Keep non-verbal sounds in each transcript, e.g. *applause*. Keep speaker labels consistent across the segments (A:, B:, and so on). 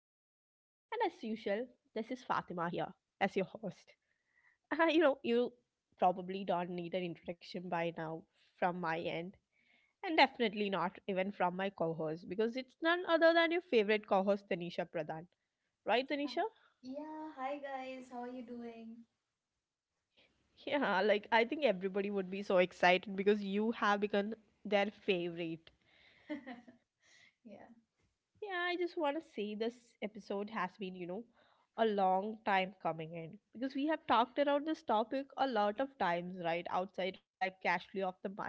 A: as usual, this is Fatima here as your host. *laughs* You probably don't need an introduction by now from my end, and definitely not even from my co host because it's none other than your favorite co host, Tanisha Pradhan. Right,
B: Huh.
A: Tanisha?
B: Yeah, hi guys, how are you doing?
A: *laughs* Yeah, like I think everybody would be so excited because you have become their favorite.
B: Yeah.
A: Yeah, I just want to say this episode has been, a long time coming in because we have talked around this topic a lot of times, right? Outside, like casually off the mic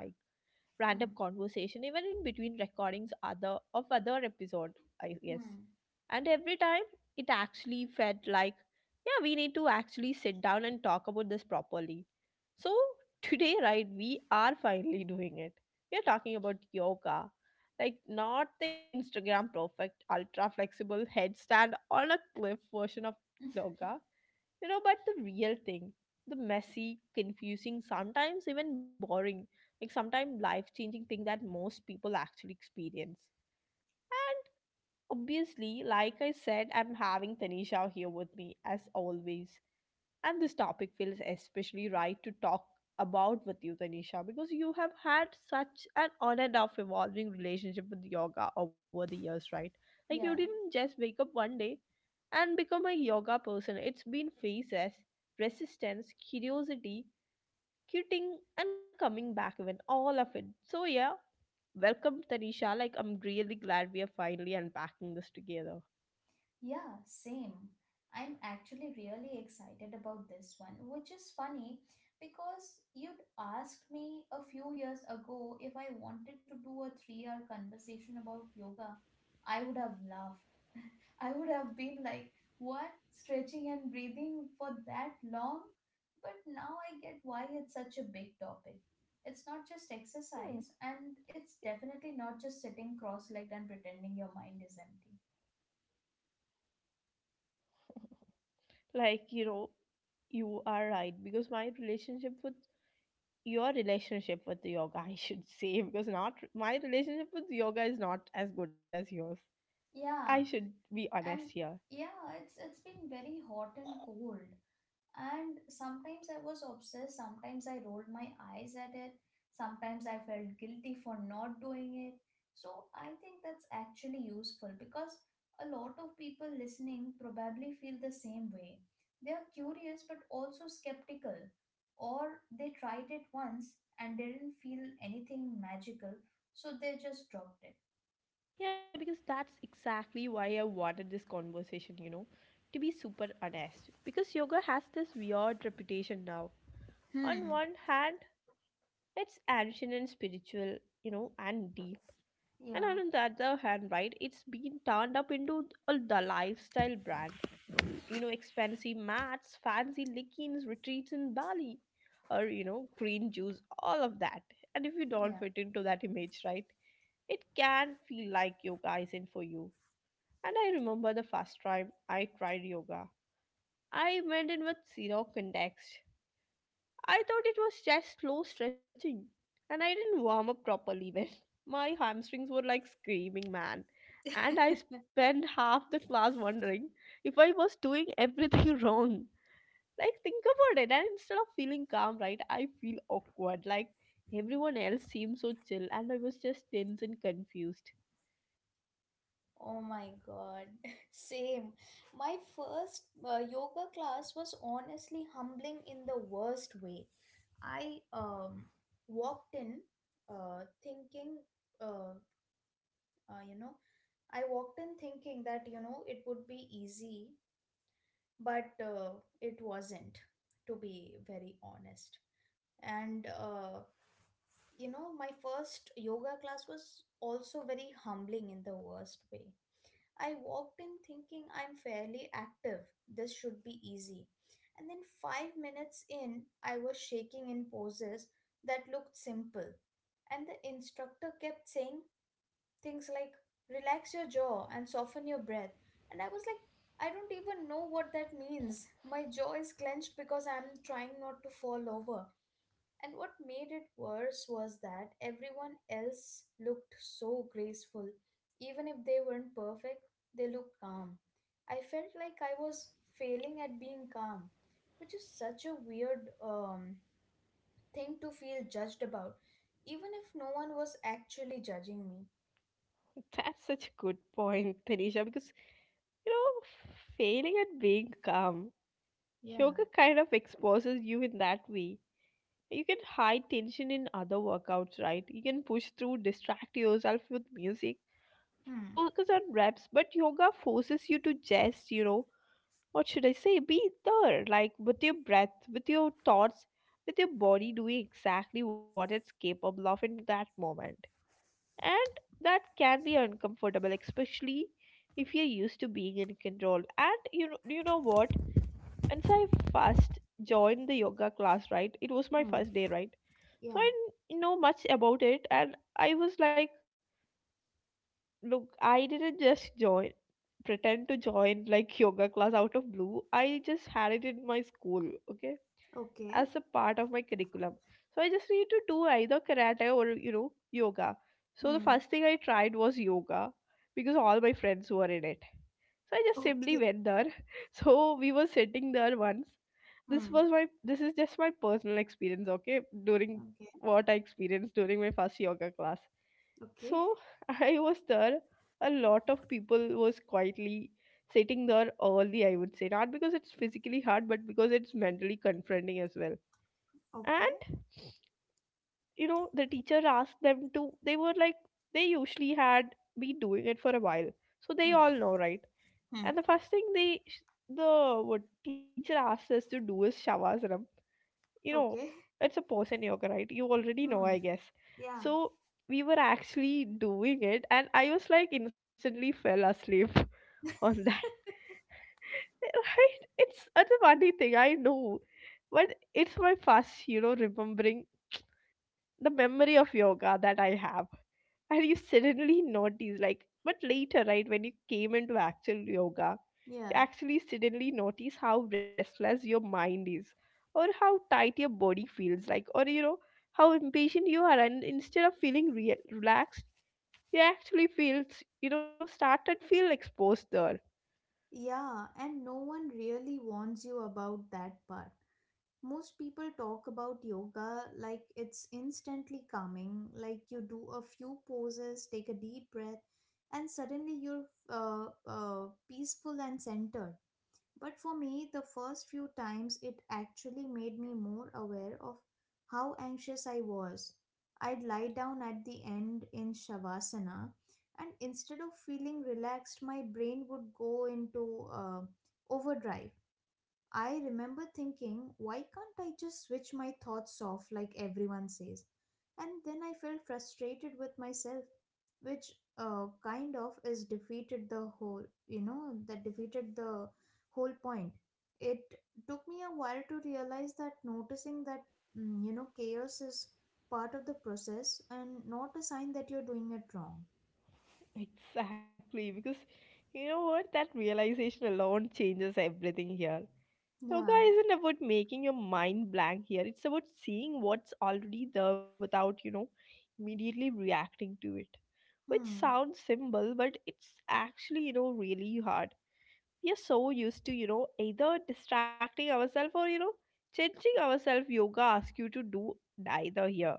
A: random
B: Mm.
A: conversation, even in between recordings other of other episode, I guess.
B: Hmm.
A: And every time it actually felt like, yeah, we need to actually sit down and talk about this properly. So *laughs* today, right, we are finally doing it. We are talking about yoga. Like not the Instagram perfect ultra flexible headstand on a cliff version of yoga, but the real thing, the messy, confusing, sometimes even boring, like sometimes life changing thing that most people actually experience. And obviously, like I said, I'm having Tanisha here with me as always, and this topic feels especially right to talk about with you, Tanisha, because you have had such an on and off evolving relationship with yoga over the years, right? Like, you
B: Yeah.
A: didn't just wake up one day and become a yoga person. It's been phases, resistance, curiosity, quitting, and coming back, even all of it. So, yeah, welcome, Tanisha. Like, I'm really glad we are finally unpacking this together.
B: Yeah, same. I'm actually really excited about this one, which is funny because you'd asked me a few years ago if I wanted to do a 3 hour conversation about yoga. I would have laughed. *laughs* I would have been like, what? Stretching and breathing for that long? But now I get why it's such
A: Hmm.
B: a big topic. It's not just exercise, and it's definitely not just sitting cross legged and pretending your mind is empty.
A: Like, you know, you are right because my relationship with your relationship with the yoga, *laughs* I should say, because not my relationship with yoga is not as good as yours. I
B: Yeah,
A: should be honest
B: and
A: here.
B: it's been very hot and cold, and sometimes I was obsessed, sometimes I rolled my eyes at it, sometimes I felt guilty for not doing it. So I think that's actually useful because a lot of people listening probably feel the same way. They are curious but also skeptical, or they tried it once and didn't feel anything magical, so they just dropped it.
A: Yeah, because that's exactly why I wanted this conversation, you know, to be super honest. Because yoga has this weird reputation now. On
B: Hmm.
A: one hand, it's ancient and spiritual, you know, and deep. And
B: yeah
A: on the other hand, right, it's been turned up into the lifestyle brand. You know, expensive mats, fancy leggings, retreats in Bali, or, you know, green juice, all of that. And if you don't
B: yeah.
A: fit into that image, right, it can feel like yoga isn't for you. And I remember the first time I tried yoga. I went in with zero context. I thought it was just slow stretching, and I didn't warm up properly even. *laughs* My hamstrings were like screaming, man. And I spent half the class wondering if I was doing everything *laughs* wrong. Like, think about it. And instead of feeling calm, right, I feel awkward. Like, everyone else seemed so chill, and I was just tense and confused.
B: Oh my god, *laughs* same. My first yoga class was honestly humbling in the worst way. I walked in thinking, uh, you know, I walked in thinking that, it would be easy, but it wasn't, to be very honest. And you know, my first yoga class was also very humbling in the worst way. I walked in thinking I'm fairly active. This should be easy. And then 5 minutes in, I was shaking in poses that looked simple. And the instructor kept saying things like, relax your jaw and soften your breath. And I was like, I don't even know what that means. My jaw is clenched because I'm trying not to fall over. And what made it worse was that everyone else looked so graceful. Even if they weren't perfect, they looked calm. I felt like I was failing at being calm, which is such a weird thing to feel judged about, even if no one was actually judging me.
A: *laughs* That's such a good point, Tanisha, because, you know, failing at being calm, yoga
B: Yeah.
A: kind of exposes you in that way. You can hide tension in other workouts, right? You can push through, distract yourself with music,
B: Hmm.
A: focus on reps, but yoga forces you to just, you know, what should I say? Be there, like with your breath, with your thoughts, with your body doing exactly what it's capable of in that moment. And that can be uncomfortable, especially if you're used to being in control. And you know what? Once I first joined the yoga class, right? It was my first
B: Hmm.
A: day, right? So I
B: Yeah.
A: didn't know much about it, and I was like, look, I didn't just join, pretend to join like yoga class out of blue. I just had it in my school, okay?
B: Okay.
A: As a part of my curriculum. So I just need to do either karate or, you know, yoga. So the
B: Hmm.
A: first thing I tried was yoga because all my friends were in it. So I just simply
B: Okay.
A: went there. *laughs* So we were sitting there once.
B: Hmm.
A: This is just my personal experience, okay? During
B: Okay.
A: what I experienced during my first yoga class.
B: Okay.
A: So *laughs* I was there. A lot of people was quietly sitting there early, I would say. Not because it's physically hard, but because it's mentally confronting as well.
B: Okay.
A: And you know, the teacher asked them to, they were like, they usually had been doing it for a while, so they
B: Hmm.
A: all know, right?
B: Hmm.
A: And the first thing they sh- the what teacher asked us to do is shavasana, you know,
B: Okay.
A: it's a pose in yoga, right? You already know,
B: Hmm.
A: I guess.
B: Yeah.
A: So we were actually doing it and I was like, instantly fell asleep, *laughs* on that. *laughs* Right, it's a funny thing, I know, but it's my first, you know, remembering the memory of yoga that I have. And you suddenly notice, like, but later, right, when you came into actual yoga,
B: Yeah.
A: you actually suddenly notice how restless your mind is, or how tight your body feels like, or you know, how impatient you are. And instead of feeling relaxed, you actually feel, you know, started feel exposed there.
B: Yeah, and no one really warns you about that part. Most people talk about yoga like it's instantly calming, like you do a few poses, take a deep breath, and suddenly you're peaceful and centered. But for me, the first few times it actually made me more aware of how anxious I was. I'd lie down at the end in Shavasana, and instead of feeling relaxed, my brain would go into overdrive. I remember thinking, why can't I just switch my thoughts off like everyone says? And then I felt frustrated with myself, which kind of is defeated the whole, you know, that defeated the whole point. It took me a while to realize that noticing that, you know, chaos is part of the process and not a sign that you're doing it wrong.
A: Exactly, because you know what, that realization alone changes everything here. Yoga
B: Yeah.
A: isn't about making your mind blank here. It's about seeing what's already there without, you know, immediately reacting to it. Which
B: Hmm.
A: sounds simple, but it's actually, you know, really hard. We are so used to, you know, either distracting ourselves or, you know, changing ourselves. Yoga asks you to do neither here.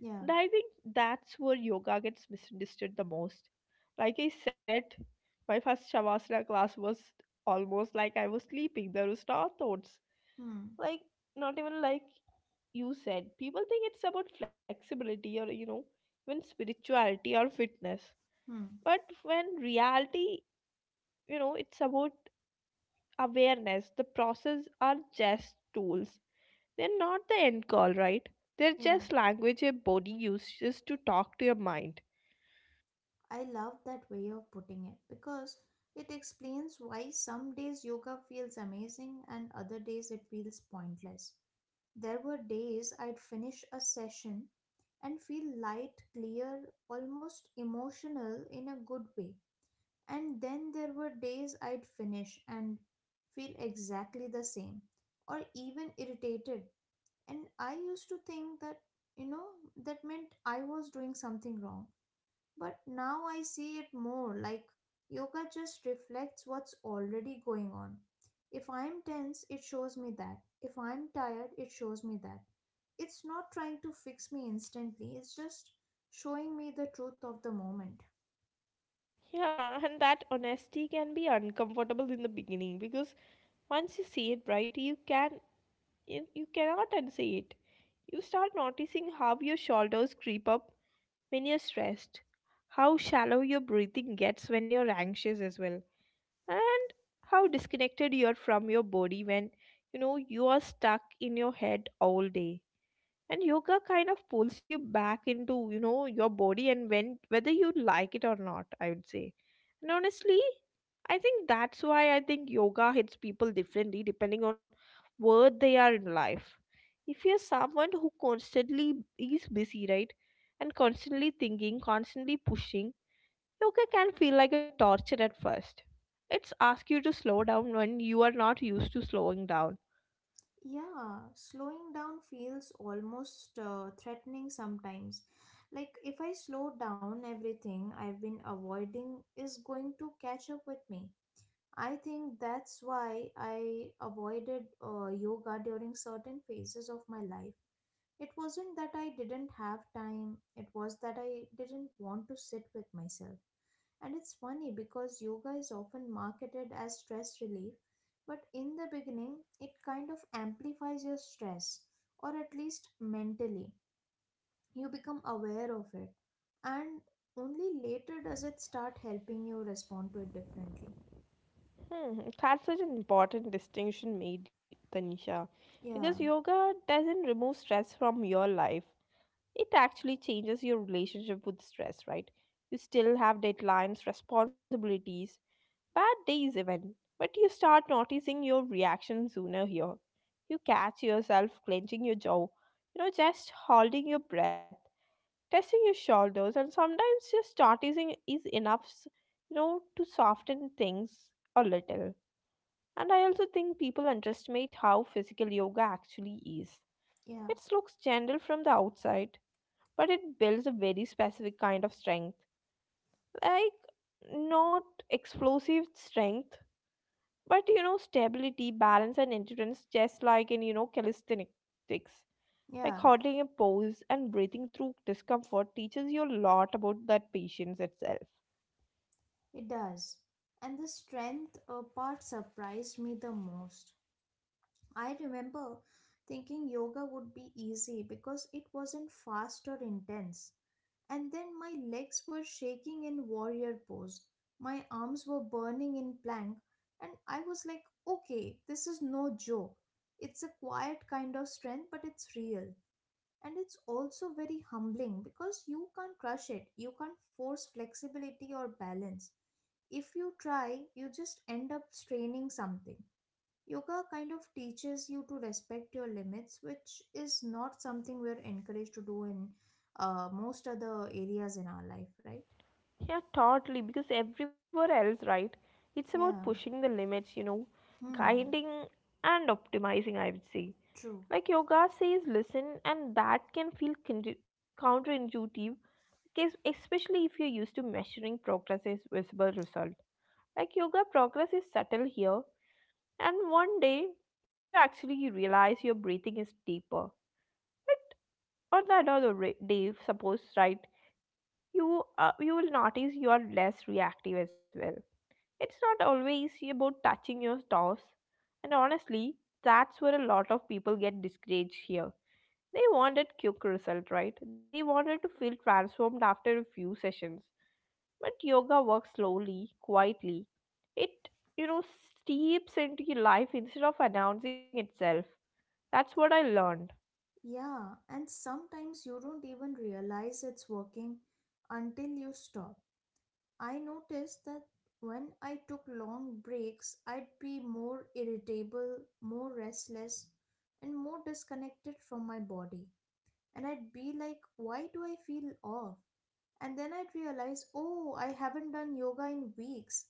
B: Yeah.
A: And I think that's where yoga gets misunderstood the most. Like I said, my first Shavasana class was almost like I was sleeping. There was no thoughts,
B: Hmm.
A: like, not even like, you said people think it's about flexibility, or you know, even spirituality or fitness,
B: Hmm.
A: but when reality, you know, it's about awareness. The process are just tools, they're not the end call, right? They're
B: Yeah.
A: just language your body uses to talk to your mind.
B: I love that way of putting it because it explains why some days yoga feels amazing and other days it feels pointless. There were days I'd finish a session and feel light, clear, almost emotional in a good way. And then there were days I'd finish and feel exactly the same or even irritated. And I used to think that, you know, that meant I was doing something wrong, but now I see it more like yoga just reflects what's already going on. If I'm tense, it shows me that. If I'm tired, it shows me that. It's not trying to fix me instantly, it's just showing me the truth of the moment.
A: Yeah, and that honesty can be uncomfortable in the beginning because once you see it, right, you cannot unsee it. You start noticing how your shoulders creep up when you're stressed, how shallow your breathing gets when you're anxious as well, and how disconnected you are from your body when, you know, you are stuck in your head all day. And yoga kind of pulls you back into, you know, your body, and when, whether you like it or not, I would say. And honestly, I think yoga hits people differently depending on where they are in life. If you're someone who constantly is busy, right, and constantly thinking, constantly pushing, yoga can feel like a torture at first. It's ask you to slow down when you are not used to slowing down.
B: Yeah, slowing down feels almost threatening sometimes. Like if I slow down, everything I've been avoiding is going to catch up with me. I think that's why I avoided yoga during certain phases of my life. It wasn't that I didn't have time, it was that I didn't want to sit with myself. And it's funny because yoga is often marketed as stress relief, but in the beginning, it kind of amplifies your stress, or at least mentally. You become aware of it, and only later does it start helping you respond to it differently.
A: Hmm, that's such an important distinction made, Tanisha,
B: Yeah,
A: because yoga doesn't remove stress from your life. It actually changes your relationship with stress, right? You still have deadlines, responsibilities, bad days even, but you start noticing your reaction sooner here. You catch yourself clenching your jaw, you know, just holding your breath, testing your shoulders, and sometimes just noticing is enough, you know, to soften things a little. And I also think people underestimate how physical yoga actually is.
B: yeah,
A: It looks gentle from the outside, but it builds a very specific kind of strength. Like, not explosive strength, but you know, stability, balance, and endurance, just like in, you know, calisthenics. Like
B: yeah.
A: holding a pose and breathing through discomfort teaches you a lot about that patience itself.
B: It does. And the strength part surprised me the most. I remember thinking yoga would be easy because it wasn't fast or intense. And then my legs were shaking in warrior pose. My arms were burning in plank. And I was like, okay, this is no joke. It's a quiet kind of strength, but it's real. And it's also very humbling because you can't crush it, you can't force flexibility or balance. If you try, you just end up straining something. Yoga kind of teaches you to respect your limits, which is not something we're encouraged to do in most other areas in our life, right?
A: Yeah, totally. Because everywhere else, right? It's about
B: Yeah.
A: pushing the limits, you know,
B: Hmm.
A: guiding and optimizing, I would say.
B: True.
A: Like yoga says, listen, and that can feel counterintuitive, especially if you're used to measuring progress as visible result. Like yoga, progress is subtle here, and one day you actually realize your breathing is deeper. But on that other day, suppose, right, you you will notice you are less reactive as well. It's not always about touching your toes. And honestly, that's where a lot of people get discouraged here. They wanted quick result, right? They wanted to feel transformed after a few sessions. But yoga works slowly, quietly. It, you know, steeps into your life instead of announcing itself. That's what I learned.
B: Yeah. And sometimes you don't even realize it's working until you stop. I noticed that when I took long breaks, I'd be more irritable, more restless, and more disconnected from my body. And I'd be like, why do I feel off? And then I'd realize, oh, I haven't done yoga in weeks.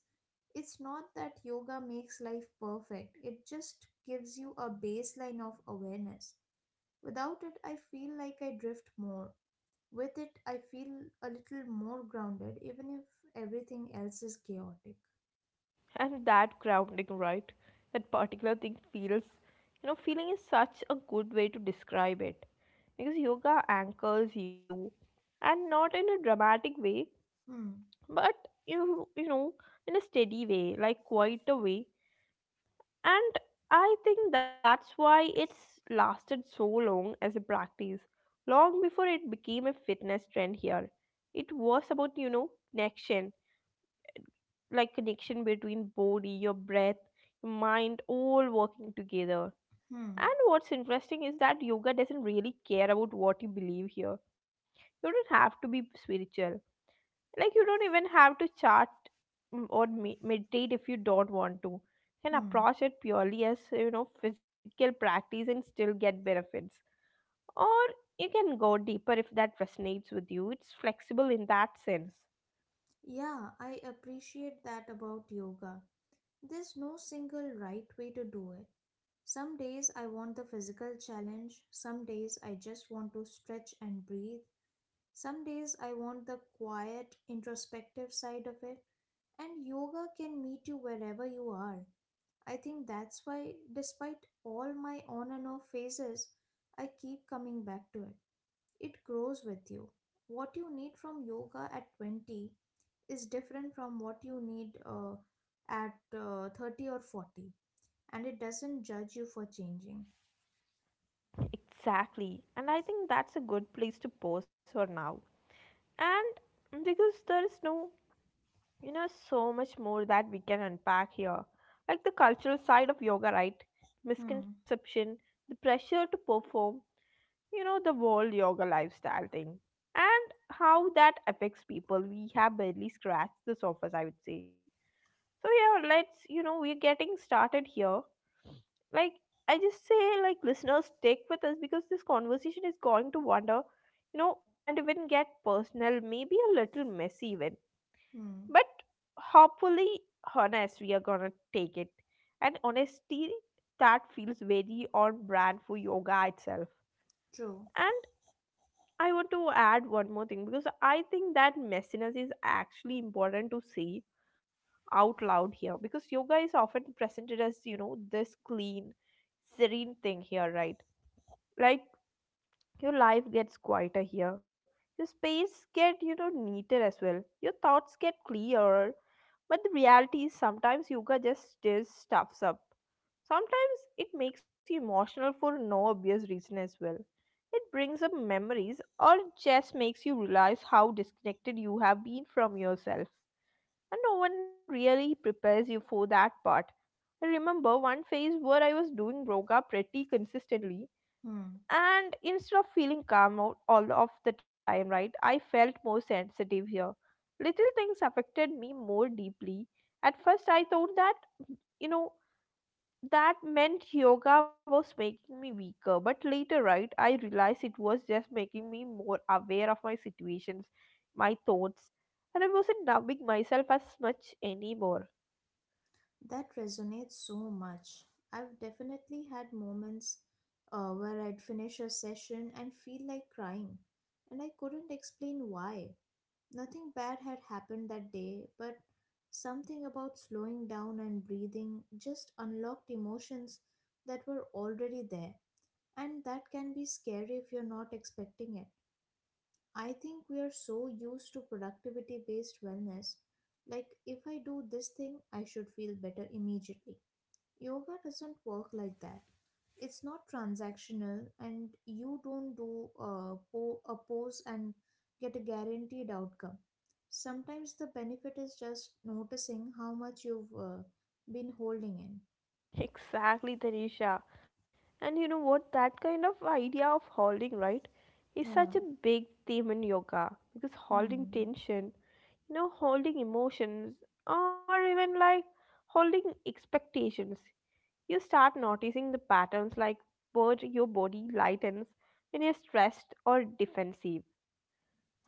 B: It's not that yoga makes life perfect, it just gives you a baseline of awareness. Without it, I feel like I drift more. With it, I feel a little more grounded, even if everything else is chaotic.
A: *laughs* And that grounding, right? That particular thing feels, you know, feeling is such a good way to describe it. Because yoga anchors you, and not in a dramatic way
B: Hmm,
A: but you know, in a steady way, like quite a way. And I think that's why it's lasted so long as a practice. Long before it became a fitness trend here, it was about, you know, connection, like connection between body, your breath, your mind, all working together.
B: hmm,
A: And what's interesting is that yoga doesn't really care about what you believe here. You don't have to be spiritual. Like you don't even have to chart, or meditate if you don't want to. You can
B: hmm.
A: approach it purely as, you know, physical practice and still get benefits, or you can go deeper if that resonates with you. It's flexible in that sense.
B: Yeah, I appreciate that about yoga. There's no single right way to do it. Some days I want the physical challenge, some days I just want to stretch and breathe, some days I want the quiet, introspective side of it, and yoga can meet you wherever you are. I think that's why, despite all my on and off phases, I keep coming back to it. It grows with you. What you need from yoga at 20 is different from what you need at 30 or 40, and it doesn't judge you for changing.
A: Exactly, and I think that's a good place to pause for now. And because there is no, you know, so much more that we can unpack here. Like the cultural side of yoga, right?
B: Hmm,
A: Misconception, the pressure to perform, you know, the whole yoga lifestyle thing. And how that affects people. We have barely scratched the surface, I would say. So, yeah, let's, you know, we're getting started here. Like, I just say, like, listeners, stick with us because this conversation is going to wander, you know, and even get personal, maybe a little messy even,
B: hmm,
A: but hopefully honest. We are gonna take it, and honesty, that feels very on brand for yoga itself.
B: true.
A: And I want to add one more thing because I think that messiness is actually important to say out loud here, because yoga is often presented as, you know, this clean, serene thing here, right? Like your life gets quieter here, your space get, you know, neater as well, your thoughts get clearer. But the reality is sometimes yoga just stirs stuffs up. Sometimes it makes you emotional for no obvious reason as well. It brings up memories, or it just makes you realize how disconnected you have been from yourself. And no one really prepares you for that part. I remember one phase where I was doing yoga pretty consistently,
B: Hmm,
A: and instead of feeling calm out all of the time, right, I felt more sensitive here. Little things affected me more deeply. At first I thought that, you know, that meant yoga was making me weaker, but later, right, I realized it was just making me more aware of my situations, my thoughts, and I wasn't numbing myself as much anymore.
B: that resonates so much. I've definitely had moments where I'd finish a session and feel like crying, and I couldn't explain why. Nothing bad had happened that day, but something about slowing down and breathing just unlocked emotions that were already there, and that can be scary if you're not expecting it. I think we are so used to productivity based wellness. Like, if I do this thing, I should feel better immediately. Yoga doesn't work like that. It's not transactional, and you don't do a pose and get a guaranteed outcome. Sometimes the benefit is just noticing how much you've been holding in.
A: Exactly, Tanisha. And you know what? That kind of idea of holding, right, is
B: Yeah.
A: such a big theme in yoga, because holding
B: Hmm.
A: tension, you know, holding emotions, or even like holding expectations, you start noticing the patterns, like where your body lightens when you're stressed or defensive.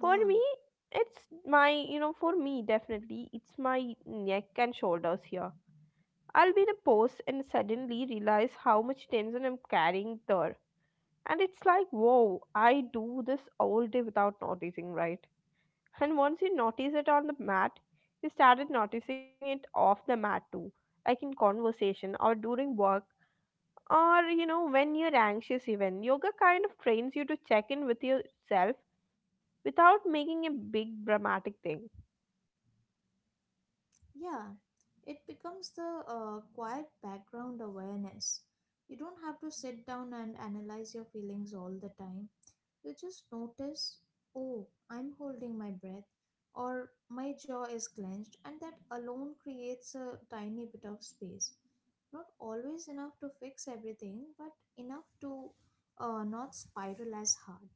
A: For me, it's my, you know, for me, definitely, it's my neck and shoulders here. I'll be in a pose and suddenly realize how much tension I'm carrying there. And it's like, whoa, I do this all day without noticing, right? And once you notice it on the mat, you started noticing it off the mat too, like in conversation or during work, or, you know, when you're anxious even. Yoga kind of trains you to check in with yourself without making a big dramatic thing.
B: Yeah, it becomes the quiet background awareness. You don't have to sit down and analyze your feelings all the time. You just notice, oh, I'm holding my breath, or my jaw is clenched, and that alone creates a tiny bit of space. Not always enough to fix everything, but enough to not spiral as hard.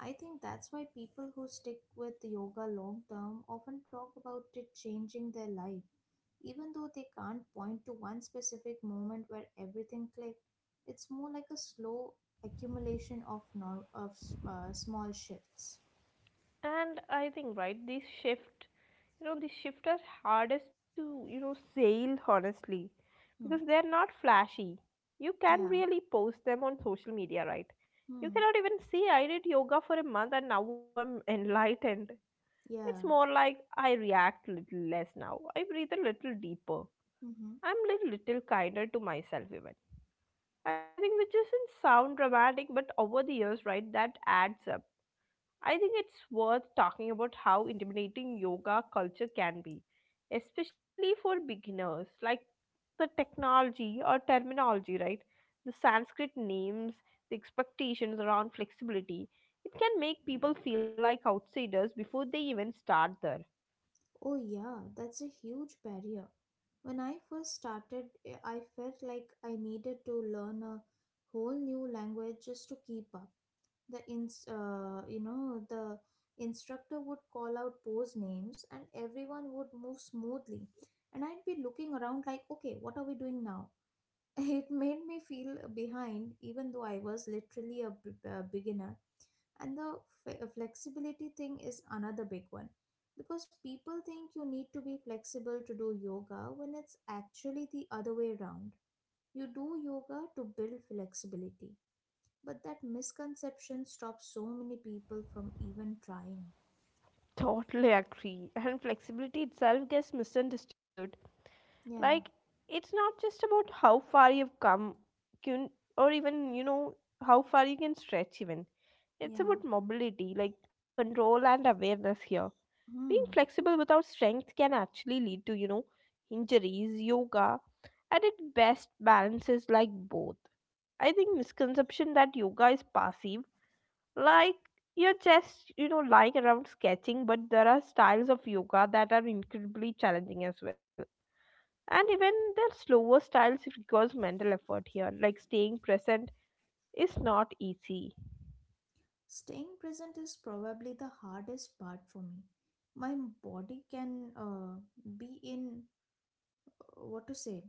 B: I think that's why people who stick with yoga long term often talk about it changing their life, even though they can't point to one specific moment where everything clicked. It's more like a slow accumulation of nor- of s- small shifts.
A: And I think, right, this shift, you know, these shift are hardest to, you know, sell honestly,
B: Hmm.
A: because they're not flashy. You can
B: Yeah.
A: really post them on social media, right? You
B: Hmm.
A: cannot even see I did yoga for a month and now I'm enlightened. It's
B: Yeah.
A: more like I react little less now, I breathe a little deeper,
B: Mm-hmm.
A: I'm little little kinder to myself even, I think, which doesn't sound dramatic, but over the years, right, that adds up. I think it's worth talking about how intimidating yoga culture can be, especially for beginners, like the technology or terminology, right? The Sanskrit names, the expectations around flexibility. It can make people feel like outsiders before they even start there.
B: Oh, yeah, that's a huge barrier. When I first started, I felt like I needed to learn a whole new language just to keep up. The instructor would call out pose names and everyone would move smoothly, and I'd be looking around like, okay, what are we doing now? *laughs* It made me feel behind even though I was literally a beginner. And the flexibility thing is another big one, because people think you need to be flexible to do yoga when it's actually the other way around. You do yoga to build flexibility, but that misconception stops so many people from even trying.
A: Totally agree. And flexibility itself gets misunderstood. Like
B: Yeah,
A: it's not just about how far you've come can, or even, you know, how far you can stretch even. It's
B: yeah.
A: about mobility, like control and awareness here. Being
B: Hmm.
A: flexible without strength can actually lead to, you know, injuries. Yoga at its best balances like both. I think misconception that yoga is passive, like you're just, you know, lying around sketching, but there are styles of yoga that are incredibly challenging as well. And even their slower styles requires mental effort here, like staying present is not easy.
B: Staying present is probably the hardest part for me. My body can be in what to say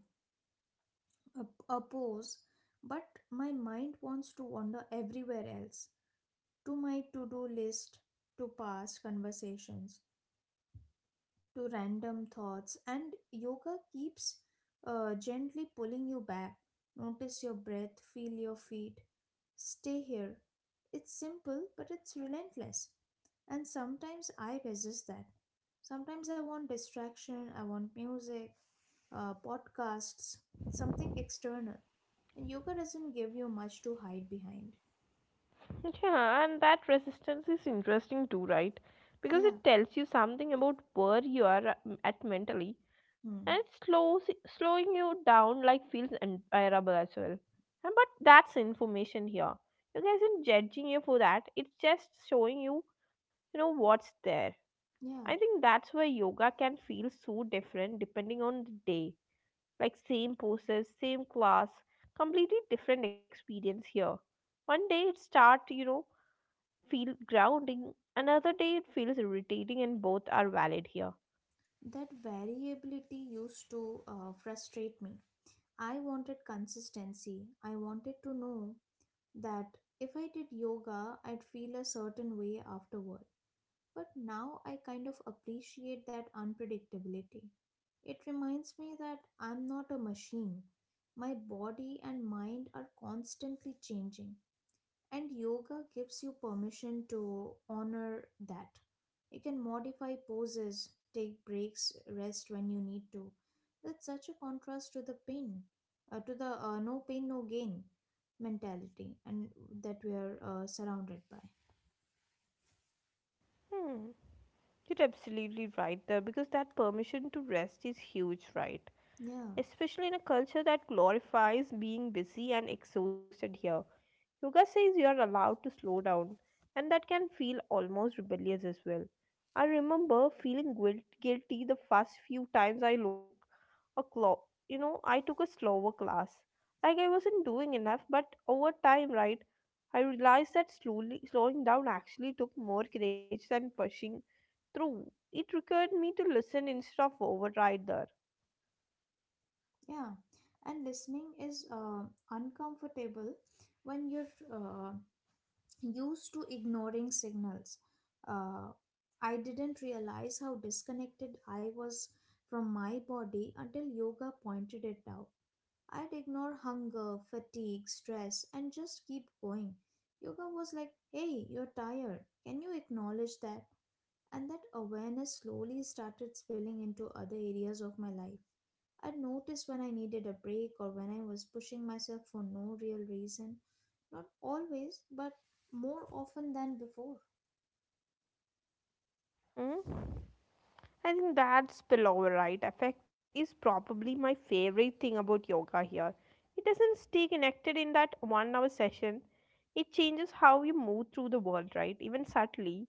B: a, a pose, but my mind wants to wander everywhere else, to my to do list, to past conversations, to random thoughts, and yoga keeps gently pulling you back. Notice your breath, feel your feet, stay here. It's simple, but it's relentless. And sometimes I resist that. Sometimes I want distraction, I want music, podcasts, something external. And yoga doesn't give you much to hide behind.
A: *laughs* Yeah, and that resistance is interesting too, right? Because
B: Yeah.
A: it tells you something about where you are at mentally, and
B: Hmm.
A: it slows, slowing you down like feels unbearable as well. And but that's information here. You guys aren't judging you for that. It's just showing you, you know, what's there.
B: Yeah.
A: I think that's why yoga can feel so different depending on the day, like same poses, same class, completely different experience here. One day it start, you know, feel grounding, another day it feels irritating, and both are valid here.
B: That variability used to frustrate me. I wanted consistency. I wanted to know that if I did yoga, I'd feel a certain way afterward. But now I kind of appreciate that unpredictability. It reminds me that I'm not a machine. My body and mind are constantly changing. And yoga gives you permission to honor that. You can modify poses, take breaks, rest when you need to. That's such a contrast to the pain, to the no pain, no gain mentality, and that we are surrounded by.
A: Hmm, you're absolutely right there, because that permission to rest is huge, right?
B: Yeah,
A: Especially in a culture that glorifies being busy and exhausted here. Yoga says you are allowed to slow down, and that can feel almost rebellious as well. I remember feeling guilt, guilty the first few times I looked a clock. You know, I took a slower class. Like I wasn't doing enough, but over time, right, I realized that slowly slowing down actually took more courage than pushing through. It required me to listen instead of override there.
B: yeah. And listening is uncomfortable when you're used to ignoring signals. Uh, I didn't realize how disconnected I was from my body until yoga pointed it out. I'd ignore hunger, fatigue, stress, and just keep going. Yoga was like, hey, you're tired. Can you acknowledge that? And that awareness slowly started spilling into other areas of my life. I'd notice when I needed a break or when I was pushing myself for no real reason. Not always, but more often than before.
A: Mm? I think that spillover right effect is probably my favorite thing about yoga here. It doesn't stay connected in that one hour session. It changes how you move through the world, right? Even subtly.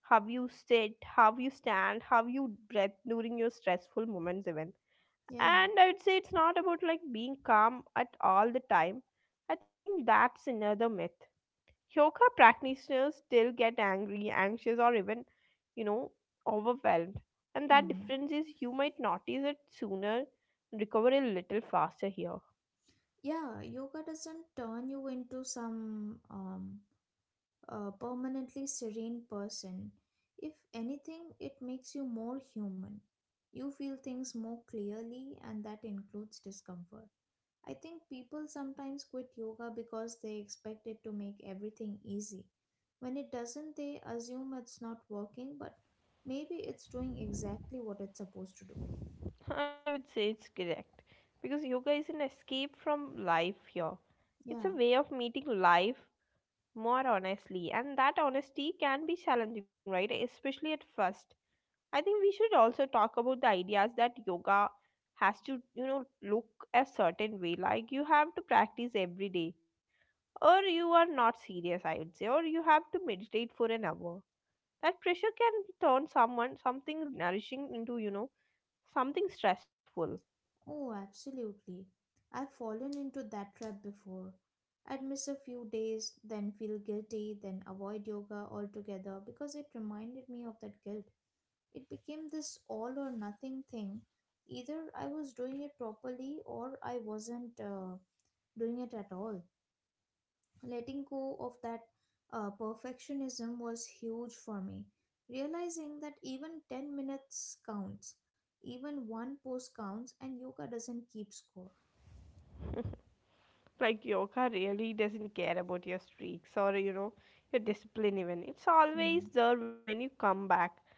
A: How you sit, how you stand, how you breathe during your stressful moments, even.
B: Yeah.
A: And I would say it's not about like being calm at all the time. I think that's another myth. Yoga practitioners still get angry, anxious, or even, you know, overwhelmed. And that
B: Hmm.
A: difference is you might notice it sooner, recover a little faster here.
B: Yeah, yoga doesn't turn you into some permanently serene person. If anything, it makes you more human. You feel things more clearly, and that includes discomfort. I think people sometimes quit yoga because they expect it to make everything easy. When it doesn't, they assume it's not working, but maybe it's doing exactly what it's supposed to do.
A: *laughs* I would say it's correct because yoga is an escape from life here. It's
B: Yeah,
A: a way of meeting life more honestly, and that honesty can be challenging, right? Especially at first. I think we should also talk about the ideas that yoga has to, you know, look a certain way. Like you have to practice every day, or you are not serious, I would say, or you have to meditate for an hour. That pressure can turn someone something nourishing into, you know, something stressful.
B: oh, absolutely. I've fallen into that trap before. I'd miss a few days, then feel guilty, then avoid yoga altogether because it reminded me of that guilt. It became this all or nothing thing. Either I was doing it properly or I wasn't. Doing it at all. Letting go of that perfectionism was huge for me. Realizing that even 10 minutes counts, even one pose counts, and yoga doesn't keep score.
A: *laughs* like yoga really doesn't care about your streaks, or, you know, your discipline even. It's always
B: Hmm.
A: there when you come back.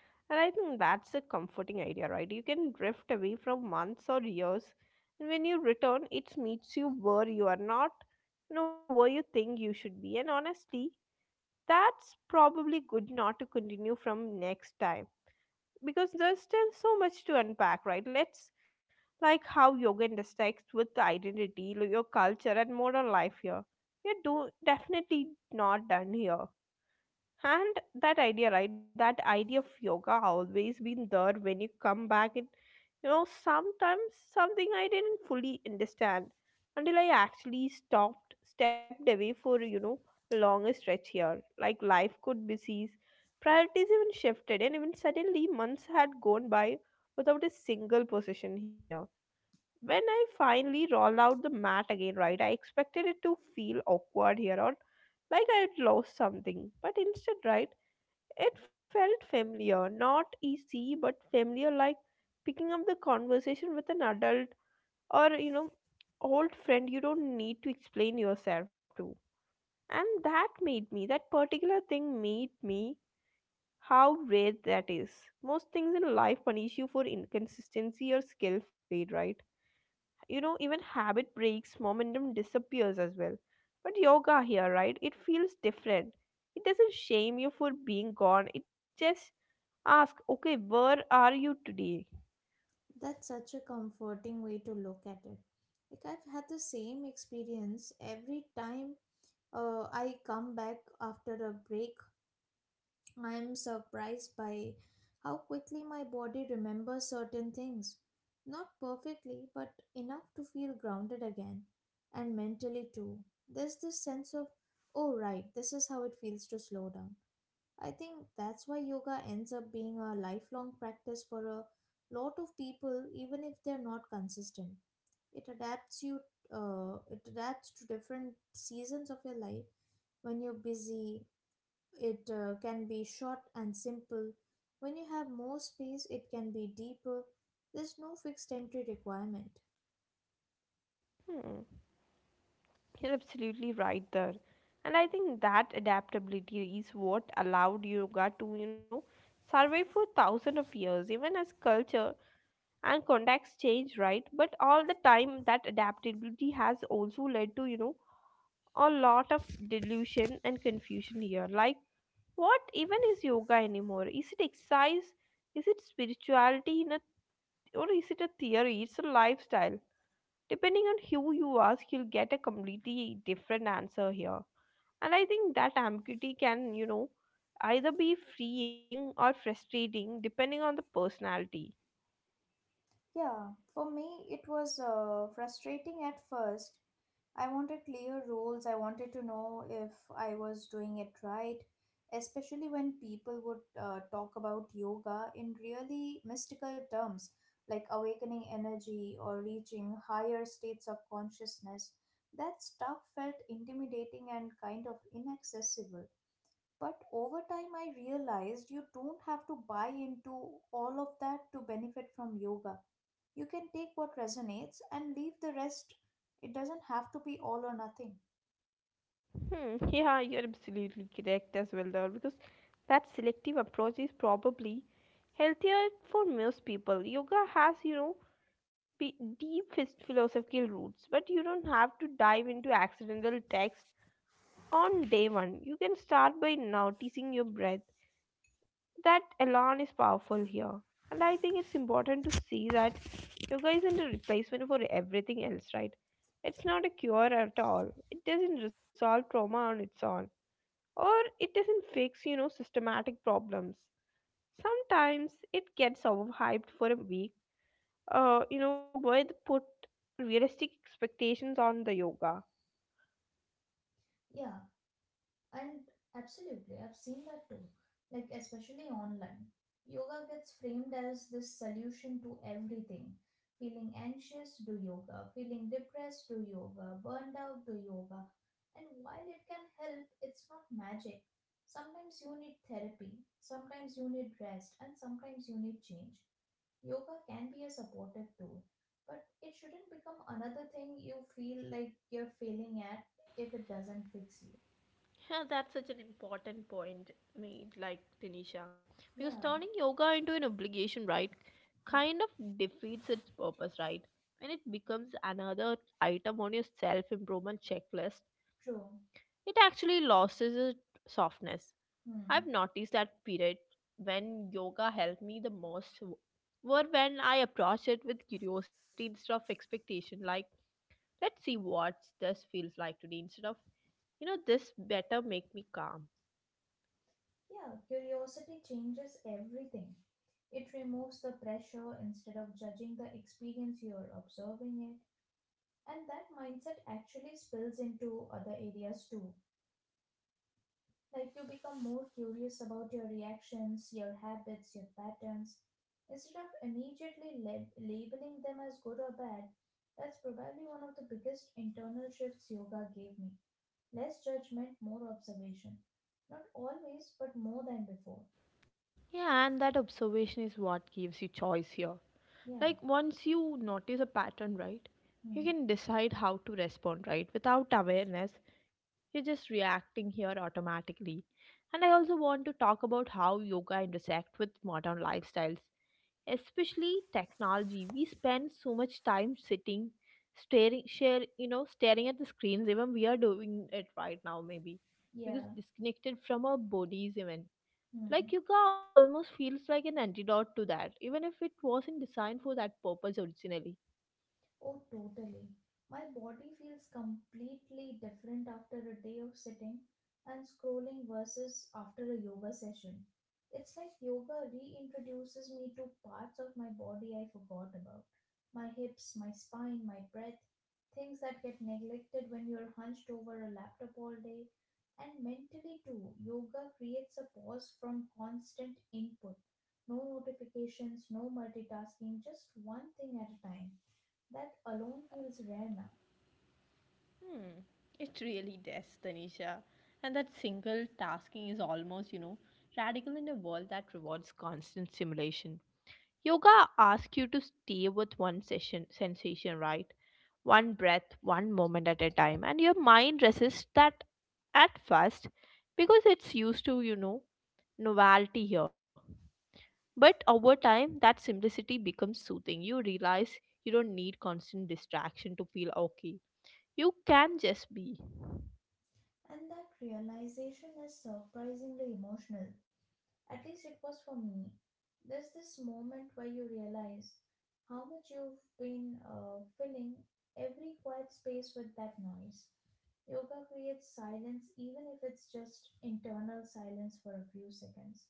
A: And I think that's a comforting idea, right? You can drift away from months or years, and when you return it meets you where you are, not, you know, where you think you should be. And honestly, that's probably good not to continue from next time, because there's still so much to unpack, right? Let's, like how yoga intersects with the identity, your culture, and modern life here. We're definitely not done here. And that idea, right? That idea of yoga always been there when you come back in, you know, sometimes, something I didn't fully understand until I actually stopped, stepped away for, you know, a longer stretch here. Like life could be seized, priorities even shifted, and even suddenly months had gone by without a single position here. When I finally rolled out the mat again, right, I expected it to feel awkward here, or like I had lost something. But instead, right, it felt familiar, not easy, but familiar, like picking up the conversation with an adult, or, you know, old friend you don't need to explain yourself to. And that made me, that particular thing made me how rare that is. Most things in life punish you for inconsistency or skill fade, right? You know, even habit breaks, momentum disappears as well. But yoga here, right? It feels different. It doesn't shame you for being gone. It just ask, okay, where are you today?
B: That's such a comforting way to look at it. Like I've had the same experience every time I come back after a break. I am surprised by how quickly my body remembers certain things. Not perfectly, but enough to feel grounded again, and mentally too. There's this sense of, oh, right, this is how it feels to slow down. I think that's why yoga ends up being a lifelong practice for a lot of people, even if they're not consistent. It adapts you, it adapts to different seasons of your life. When you're busy, it can be short and simple. When you have more space, it can be deeper. There's no fixed entry requirement.
A: Hmm, you're absolutely right there. And I think that adaptability is what allowed yoga to, you know, survive for thousands of years, even as culture and context change, right? But all the time, that adaptability has also led to, you know, a lot of delusion and confusion here. Like, what even is yoga anymore? Is it exercise? Is it spirituality in a, or is it a theory? It's a lifestyle. Depending on who you ask, you'll get a completely different answer here. And I think that ambiguity can, you know, either be freeing or frustrating depending on the personality.
B: Yeah, for me it was frustrating at first. I wanted clear rules. I wanted to know if I was doing it right, especially when people would talk about yoga in really mystical terms like awakening energy or reaching higher states of consciousness. That stuff felt intimidating and kind of inaccessible. But over time, I realized you don't have to buy into all of that to benefit from yoga. You can take what resonates and leave the rest. It doesn't have to be all or nothing.
A: Hmm, *laughs* yeah, you're absolutely correct as well there, because that selective approach is probably healthier for most people. Yoga has, you know, deep philosophical roots, but you don't have to dive into accidental text on day one. You can start by noticing your breath. That elan is powerful here. And I think it's important to see that yoga isn't a replacement for everything else, right? It's not a cure at all. It doesn't resolve trauma on its own, or it doesn't fix, you know, systematic problems. Sometimes it gets overhyped for a week. You know, with put realistic expectations on the yoga.
B: Yeah, and absolutely, I've seen that too. Like, especially online. Yoga gets framed as this solution to everything. Feeling anxious, do yoga. Feeling depressed, do yoga. Burned out, do yoga. And while it can help, it's not magic. Sometimes you need therapy, sometimes you need rest, and sometimes you need change. Yoga can be a supportive tool, but it shouldn't become another thing you feel like you're failing at if it doesn't fix you.
A: Yeah, that's such an important point made, like Tanisha. Because
B: Yeah.
A: turning yoga into an obligation, right,
B: Yeah,
A: kind of defeats its purpose, right? When it becomes another item on your self improvement checklist,
B: true.
A: it actually loses its softness.
B: Hmm.
A: I've noticed that period when yoga helped me the most were when I approached it with curiosity instead of expectation. Like, let's see what this feels like today instead of, this better make me calm.
B: Yeah, curiosity changes everything. It removes the pressure. Instead of judging the experience, you are observing it. And that mindset actually spills into other areas too. Like you become more curious about your reactions, your habits, your patterns. Instead of immediately labeling them as good or bad, that's probably one of the biggest internal shifts yoga gave me. Less judgment, more observation. Not always, but more than before.
A: Yeah, and that observation is what gives you choice here.
B: Yeah.
A: Like, once you notice a pattern, right, you
B: Hmm.
A: can decide how to respond, right? Without awareness, you're just reacting here automatically. And I also want to talk about how yoga intersect with modern lifestyles, especially technology. We spend so much time sitting, staring, share, you know, staring at the screens. Even we are doing it right now, maybe because
B: Yeah.
A: disconnected from our bodies, even like
B: Hmm.
A: yoga almost feels like an antidote to that, even if it wasn't designed for that purpose originally.
B: Oh, totally. My body feels completely different after a day of sitting and scrolling versus after a yoga session. It's like yoga reintroduces me to parts of my body I forgot about, my hips, my spine, my breath, things that get neglected when you're hunched over a laptop all day. And mentally, too, yoga creates a pause from constant input. No notifications, no multitasking, just one thing at a time. That alone feels rare now.
A: Hmm, it really does, Tanisha. And that single tasking is almost, radical in a world that rewards constant stimulation. Yoga asks you to stay with one session sensation, right? One breath, one moment at a time, and your mind resists that at first because it's used to, novelty here. But over time, that simplicity becomes soothing. You realize you don't need constant distraction to feel okay. You can just be.
B: And that realization is surprisingly emotional. At least it was for me. There's this moment where you realize how much you've been filling every quiet space with that noise. Yoga creates silence, even if it's just internal silence for a few seconds.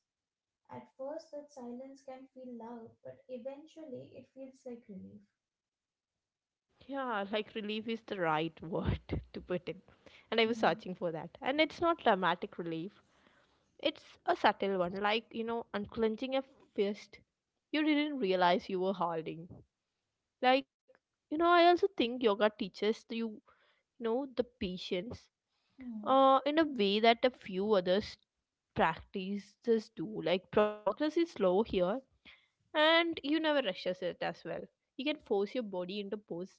B: At first, that silence can feel loud, but eventually it feels like relief.
A: Yeah, like relief is the right word *laughs* to put in. And I was searching
B: Hmm.
A: for that. And it's not dramatic relief, it's a subtle one, like, unclenching a fist you didn't realize you were holding. Like, I also think yoga teaches you, the patience
B: Hmm.
A: in a way that a few other practices do. Like progress is slow here, and you never rushes it as well. You can force your body into pose.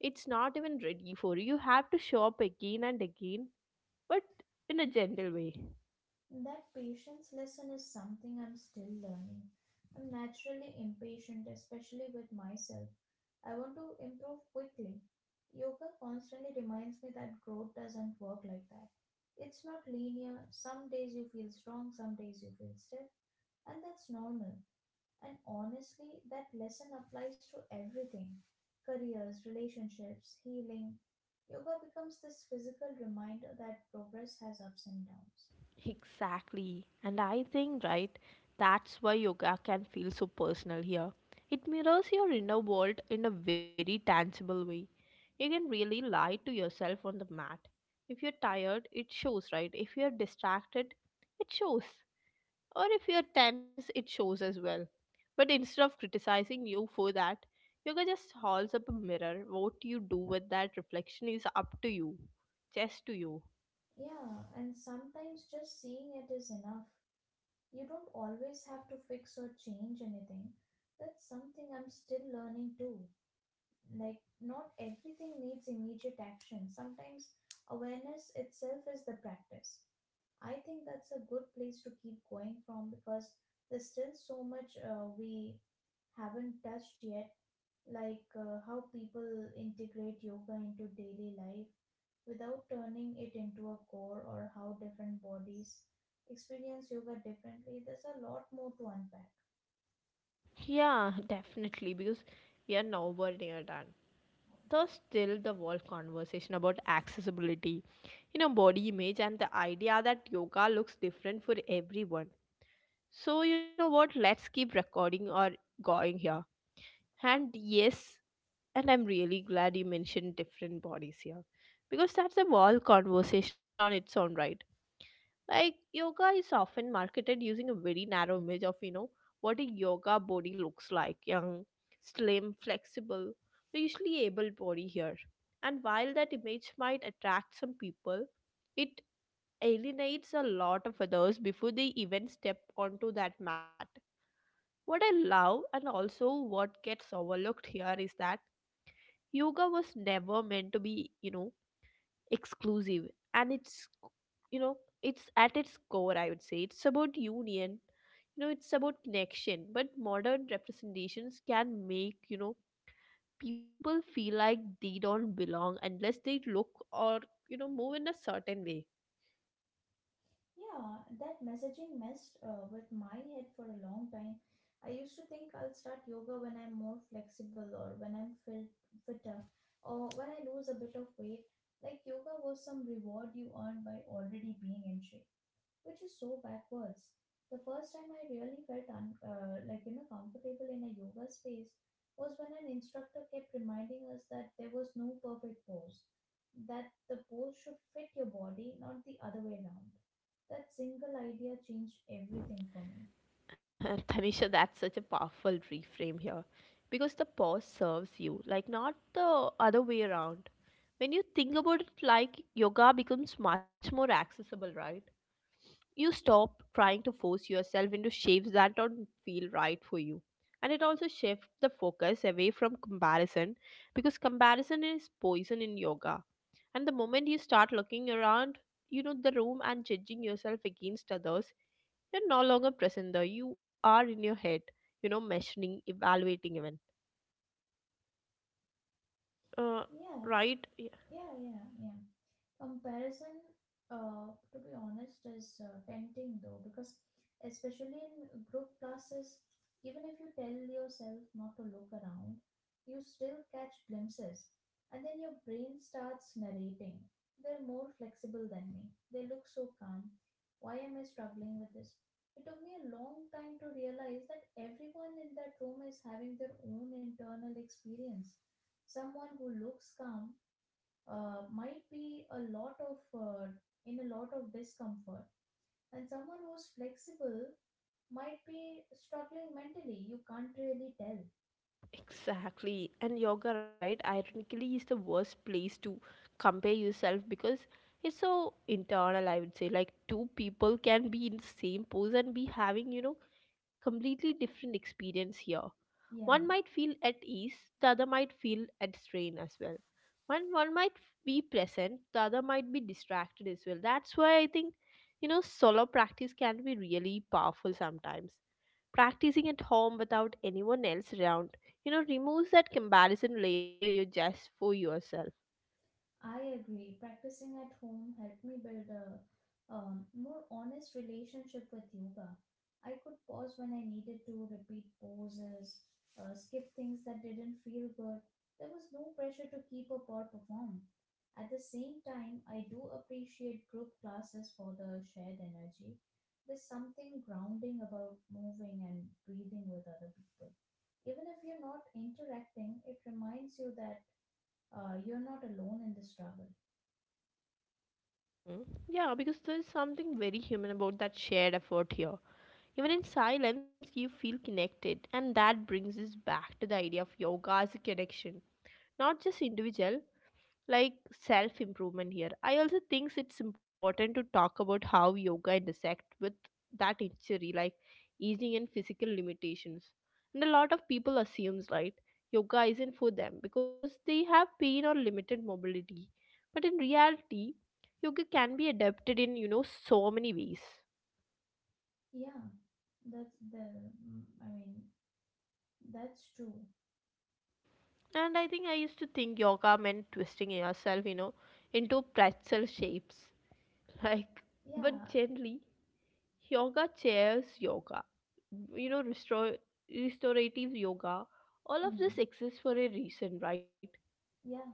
A: It's not even ready for you. You have to show up again and again, but in a gentle way.
B: That patience lesson is something I'm still learning. I'm naturally impatient, especially with myself. I want to improve quickly. Yoga constantly reminds me that growth doesn't work like that. It's not linear. Some days you feel strong, some days you feel stiff, and that's normal. And honestly, that lesson applies to everything: careers, relationships, healing. Yoga becomes this physical reminder that progress has ups and downs.
A: Exactly. And I think, right, that's why yoga can feel so personal here. It mirrors your inner world in a very tangible way. You can really lie to yourself on the mat. If you're tired, it shows, right? If you're distracted, it shows. Or if you're tense, it shows as well. But instead of criticizing you for that, yoga just holds up a mirror. What you do with that reflection is up to you, just to you.
B: Yeah, and sometimes just seeing it is enough. You don't always have to fix or change anything. That's something I'm still learning too. Like, not everything needs immediate action. Sometimes awareness itself is the practice. I think that's a good place to keep going from because there's still so much we haven't touched yet, like how people integrate yoga into daily life without turning it into a core, or how different bodies experience yoga differently. There's a lot more to unpack.
A: Yeah, *laughs* definitely, because we are nowhere near done. There's still the whole conversation about accessibility, body image, and the idea that yoga looks different for everyone. So, you know what? Let's keep recording or going here. And yes, and I'm really glad you mentioned different bodies here because that's a whole conversation on its own, right? Like yoga is often marketed using a very narrow image of, what a yoga body looks like, young, slim, flexible, usually able body here. And while that image might attract some people, it alienates a lot of others before they even step onto that mat. What I love and also what gets overlooked here is that yoga was never meant to be, exclusive, and it's, you know it's at its core, I would say it's about union, it's about connection. But modern representations can make, people feel like they don't belong unless they look or, move in a certain way.
B: Yeah, that messaging messed with my head for a long time. I used to think I'll start yoga when I'm more flexible or when I'm fitter or when I lose a bit of weight. Like yoga was some reward you earned by already being in shape. Which is so backwards. The first time I really felt like you know comfortable in a yoga space was when an instructor kept reminding us that there was no perfect pose, that the pose should fit your body, not the other way around. That single idea changed everything for
A: *laughs*
B: me.
A: Tanisha, that's such a powerful reframe here because the pause serves you, like not the other way around. When you think about it, like yoga becomes much more accessible, right? You stop trying to force yourself into shapes that don't feel right for you. And it also shifts the focus away from comparison because comparison is poison in yoga. And the moment you start looking around, the room and judging yourself against others, you're no longer present there. You are in your head, measuring, evaluating even. Uh,
B: Yeah,
A: right?
B: yeah, yeah, yeah. Comparison to be honest is tempting, though, because especially in group classes, even if you tell yourself not to look around, you still catch glimpses, and then your brain starts narrating: they're more flexible than me, they look so calm, why am I struggling with this? It took me a long time to realize that everyone in that room is having their own internal experience. Someone who looks calm might be a lot of in a lot of discomfort, and someone who's flexible might be struggling mentally. You can't really tell.
A: Exactly. And yoga, right, ironically is the worst place to compare yourself because it's so internal, I would say. Like two people can be in the same pose and be having, completely different experience here. One
B: Yeah,
A: might feel at ease, the other might feel at strain as well. One might be present, the other might be distracted as well. That's why I think, solo practice can be really powerful sometimes. Practicing at home without anyone else around, removes that comparison layer, you're just for yourself.
B: I agree. Practicing at home helped me build a more honest relationship with yoga. I could pause when I needed to, repeat poses, skip things that didn't feel good. There was no pressure to keep up or perform. At the same time, I do appreciate group classes for the shared energy. There's something grounding about moving and breathing with other people. Even if you're not interacting, it reminds you that you're not alone in the struggle.
A: Mm. Yeah, because there's something very human about that shared effort here. Even in silence, you feel connected, and that brings us back to the idea of yoga as a connection, not just individual, like self improvement here. I also think it's important to talk about how yoga intersect with that injury, like aging and physical limitations, and a lot of people assumes right yoga isn't for them because they have pain or limited mobility. But in reality, yoga can be adapted in, so many ways.
B: Yeah, I mean, that's true.
A: And I think I used to think yoga meant twisting yourself, into pretzel shapes, *laughs* like, but
B: Yeah,
A: gently, yoga chairs yoga, restore restorative yoga, all of this
B: mm,
A: exists for a reason, right?
B: yeah,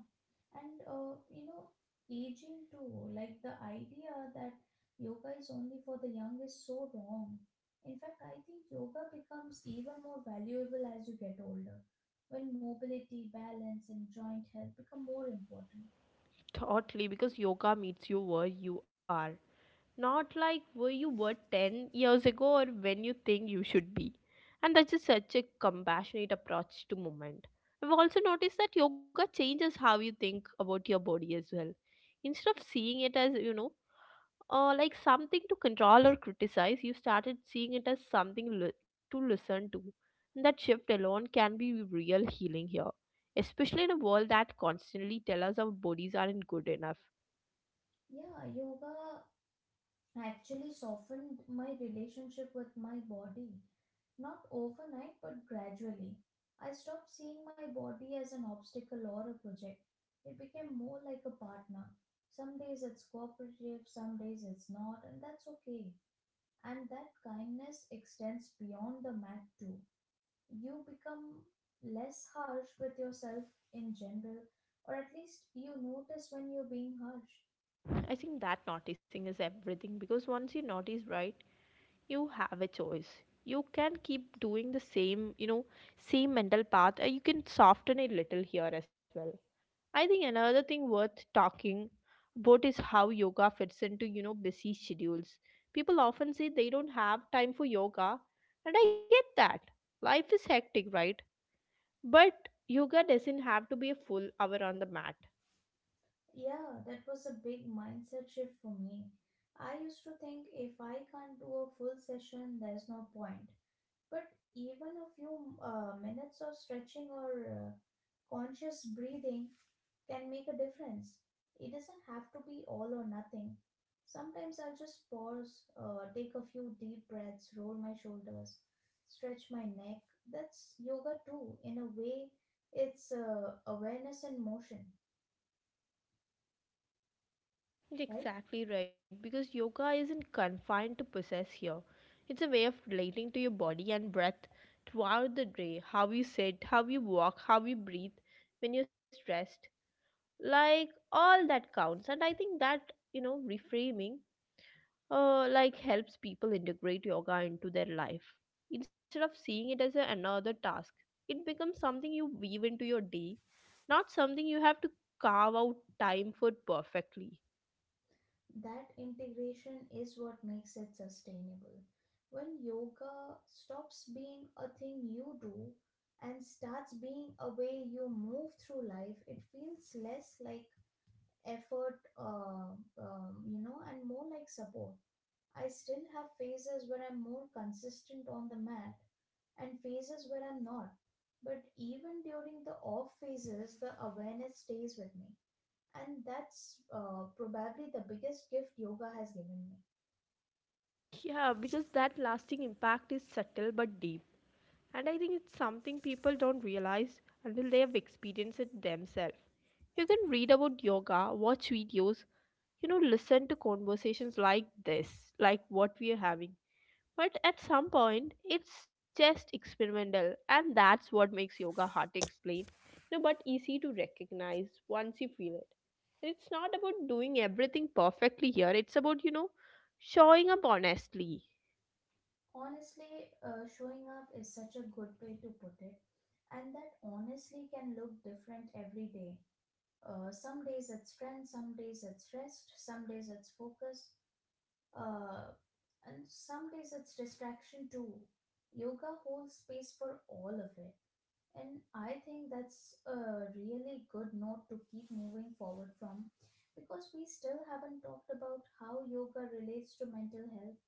B: and you know, aging too. Like the idea that yoga is only for the young is so wrong. In fact, I think yoga becomes even more valuable as you get older, when mobility, balance, and joint health become more important.
A: Totally, because yoga meets you where you are, not like where you were 10 years ago or when you think you should be. And that's just such a compassionate approach to movement. I've also noticed that yoga changes how you think about your body as well. Instead of seeing it as, like something to control or criticize, you started seeing it as something to listen to. And that shift alone can be real healing here, especially in a world that constantly tell us our bodies aren't good enough.
B: Yeah, yoga actually softened my relationship with my body. Not overnight, but gradually. I stopped seeing my body as an obstacle or a project. It became more like a partner. Some days it's cooperative, some days it's not, and that's okay. And that kindness extends beyond the mat too. You become less harsh with yourself in general, or at least you notice when you're being harsh.
A: I think that noticing is everything because once you notice, right, you have a choice. You can keep doing the same, same mental path, or you can soften it little here as well. I think another thing worth talking about is how yoga fits into, busy schedules. People often say they don't have time for yoga, and I get that. Life is hectic, right? But yoga doesn't have to be a full hour on the mat.
B: Yeah, that was a big mindset shift for me. I used to think if I can't do a full session, there's no point. But even a few minutes of stretching or conscious breathing can make a difference. It doesn't have to be all or nothing. Sometimes I'll just pause, take a few deep breaths, roll my shoulders, stretch my neck. That's yoga too. In a way, it's awareness in motion, right?
A: Exactly right, because yoga isn't confined to possess here. It's a way of relating to your body and breath throughout the day, how you sit, how you walk, how you breathe when you're stressed. Like all that counts. And I think that, reframing like helps people integrate yoga into their life. Instead of seeing it as a, another task, it becomes something you weave into your day, not something you have to carve out time for perfectly.
B: That integration is what makes it sustainable. When yoga stops being a thing you do and starts being a way you move through life, it feels less like effort, you know, and more like support. I still have phases where I'm more consistent on the mat and phases where I'm not. But even during the off phases, the awareness stays with me, and that's probably the biggest gift yoga has given me.
A: Yeah, because that lasting impact is subtle but deep. And I think it's something people don't realize until they have experienced it themselves. You can read about yoga, watch videos, listen to conversations like this, like what we are having, but at some point it's just experimental. And that's what makes yoga hard to explain, but easy to recognize once you feel it. And it's not about doing everything perfectly here, it's about, showing up honestly.
B: Honestly, showing up is such a good way to put it, and that honestly can look different every day. Some days it's strength, some days it's rest, some days it's focus, uh, and some days it's distraction too. Yoga holds space for all of it. And I think that's a really good note to keep moving forward from, because we still haven't talked about how yoga relates to mental health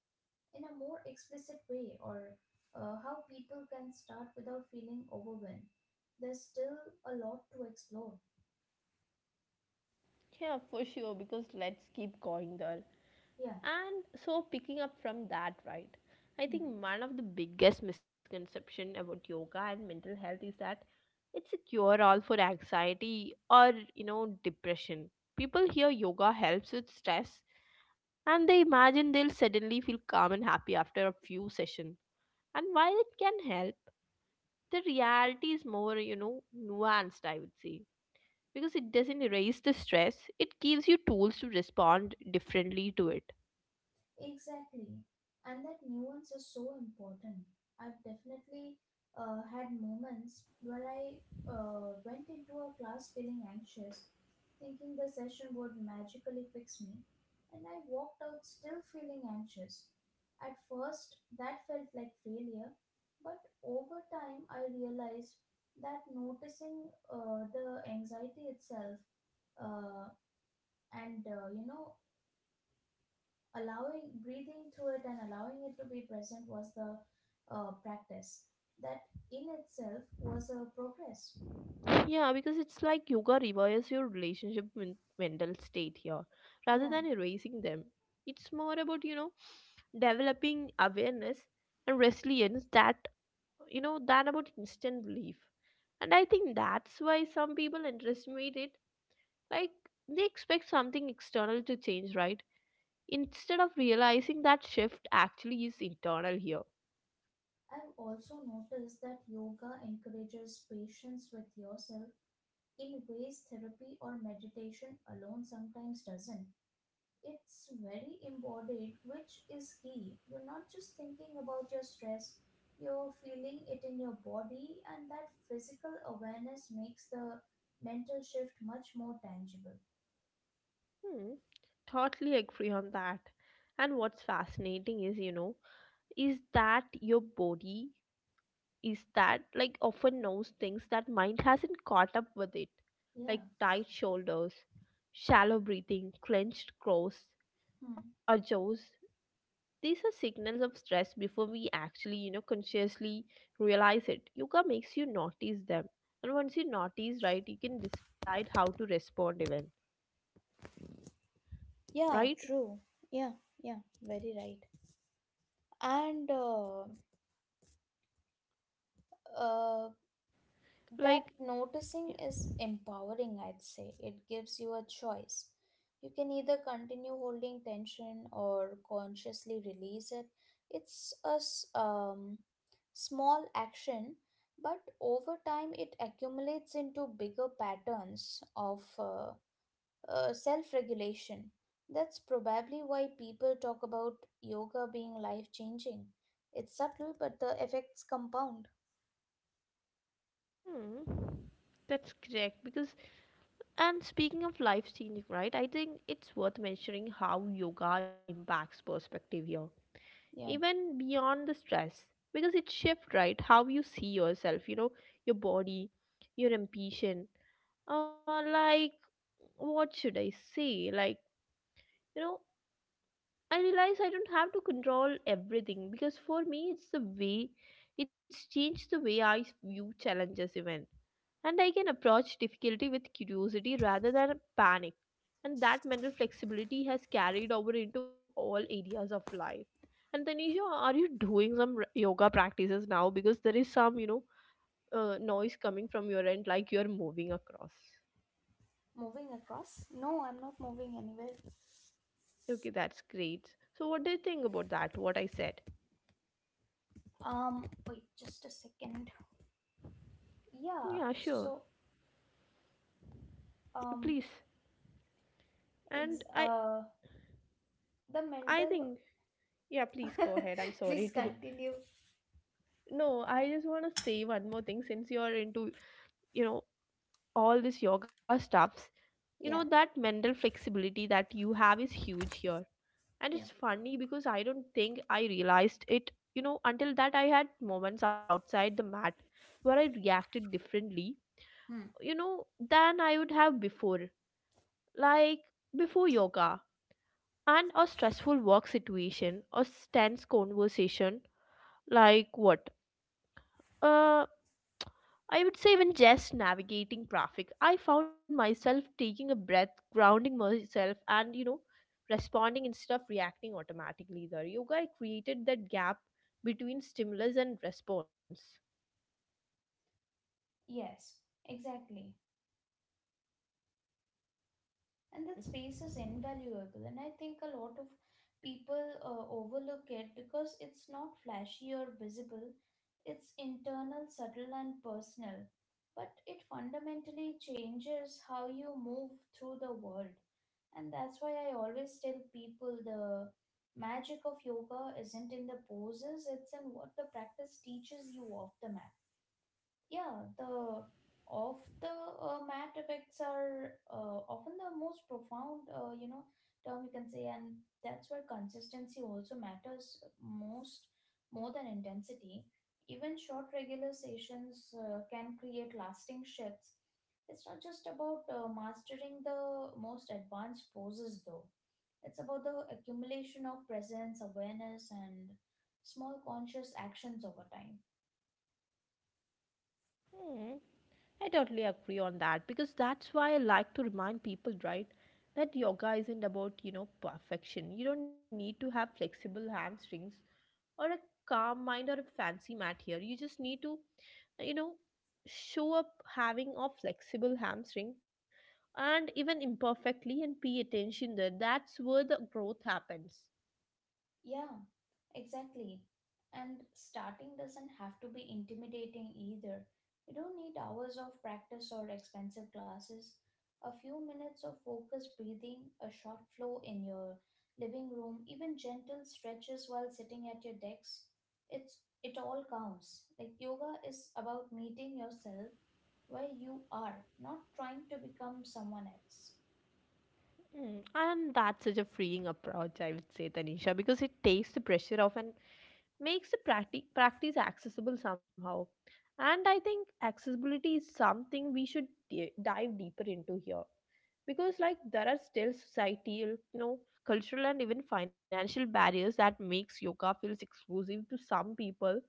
B: in a more explicit way, or how people can start without feeling overwhelmed. There's still a lot to explore.
A: Yeah, for sure, because let's keep going there.
B: Yeah.
A: And so picking up from that, right, I
B: Hmm.
A: think one of the biggest misconception about yoga and mental health is that it's a cure all for anxiety or, depression. People hear yoga helps with stress and they imagine they'll suddenly feel calm and happy after a few sessions. And while it can help, the reality is more, nuanced, I would say. Because it doesn't erase the stress, it gives you tools to respond differently to it.
B: Exactly. And that nuance is so important. I've definitely had moments where I went into a class feeling anxious, thinking the session would magically fix me, and I walked out still feeling anxious. At first, that felt like failure, but over time, I realized that noticing the anxiety itself, uh, and allowing breathing through it and allowing it to be present was the practice. That in itself was a progress.
A: Yeah, because it's like yoga rewires your relationship with mental state here. Rather
B: Yeah.
A: than erasing them, it's more about, developing awareness and resilience that, than about instant relief. And I think that's why some people underestimate it. Like, they expect something external to change, right? Instead of realizing that shift actually is internal here.
B: I've also noticed that yoga encourages patience with yourself in ways therapy or meditation alone sometimes doesn't. It's very embodied, which is key. You're not just thinking about your stress, you're feeling it in your body, and that physical awareness makes the mental shift much more tangible.
A: Hmm, totally agree on that. And what's fascinating is, your body is that like often knows things that mind hasn't caught up with it,
B: Yeah.
A: like tight shoulders, shallow breathing, clenched crows
B: Hmm.
A: or jaws. These are signals of stress before we actually, consciously realize it. Yoga makes you notice them, and once you notice, right, you can decide how to respond, even, right?
B: Yeah, true. Yeah, yeah, very right. And uh, that
A: Like
B: noticing
A: yeah.
B: is empowering, I'd say. It gives you a choice. You can either continue holding tension or consciously release it. It's a small action, but over time it accumulates into bigger patterns of self regulation. That's probably why people talk about yoga being life changing. It's subtle, but the effects compound.
A: Hmm, that's correct. Because, and speaking of life changing, right, I think it's worth mentioning how yoga impacts perspective here,
B: Yeah.
A: even beyond the stress, because it shifts, right, how you see yourself, your body, your ambition. Like, what should I say? Like, you know, I realize I don't have to control everything, because for me it's the way it's changed the way I view challenges even. And I can approach difficulty with curiosity rather than panic. And that mental flexibility has carried over into all areas of life. And Tanisha, are you doing some yoga practices now? Because there is some, noise coming from your end, like you're moving across.
B: Moving across? No, I'm not moving anywhere.
A: Okay, that's great. So, what do you think about that? What I said?
B: Um, Wait just a second. Yeah,
A: Yeah, sure.
B: so, um,
A: Please.
B: ex-
A: And
B: uh, the
A: I
B: mental.
A: think yeah, please go ahead. I'm
B: *laughs*
A: sorry
B: Please
A: *laughs* to.
B: continue.
A: No, I just want to say one more thing since you're into, you know, all this yoga stuffs. You know,
B: Yeah,
A: that mental flexibility that you have is huge here. And
B: yeah.
A: it's funny because I don't think I realized it, you know, until that I had moments outside the mat where I reacted differently,
B: Hmm.
A: you know, than I would have before. Like before yoga and a stressful work situation or tense conversation. Like what? Uh, I would say, even just navigating traffic, I found myself taking a breath, grounding myself, and you know, responding instead of reacting automatically. There, yoga created that gap between stimulus and response.
B: Yes, exactly. And that space is invaluable, and I think a lot of people overlook it because it's not flashy or visible. It's internal, subtle and personal, but it fundamentally changes how you move through the world. And that's why I always tell people the magic of yoga isn't in the poses, it's in what the practice teaches you off the mat. Yeah, the off the mat effects are often the most profound, term you can say, and that's where consistency also matters most, more than intensity. Even short regular sessions can create lasting shifts. It's not just about mastering the most advanced poses, though. It's about the accumulation of presence, awareness, and small conscious actions over time.
A: Hmm, I totally agree on that because that's why I like to remind people, right, that yoga isn't about, you know, perfection. You don't need to have flexible hamstrings or a calm mind or a fancy mat here. You just need to, you know, show up having a flexible hamstring and even imperfectly and pay attention there. That's where the growth happens.
B: Yeah. Exactly. And starting doesn't have to be intimidating either. You don't need hours of practice or expensive classes. A few minutes of focused breathing, a short flow in your living room, even gentle stretches while sitting at your desk. It all counts. Like, yoga is about meeting yourself where you are, not trying to become someone else.
A: Mm. And that's such a freeing approach, I would say, Tanisha, because it takes the pressure off and makes the practice accessible somehow. And I think accessibility is something we should dive deeper into here, because like there are still societal, you know, cultural and even financial barriers that makes yoga feels exclusive to some people,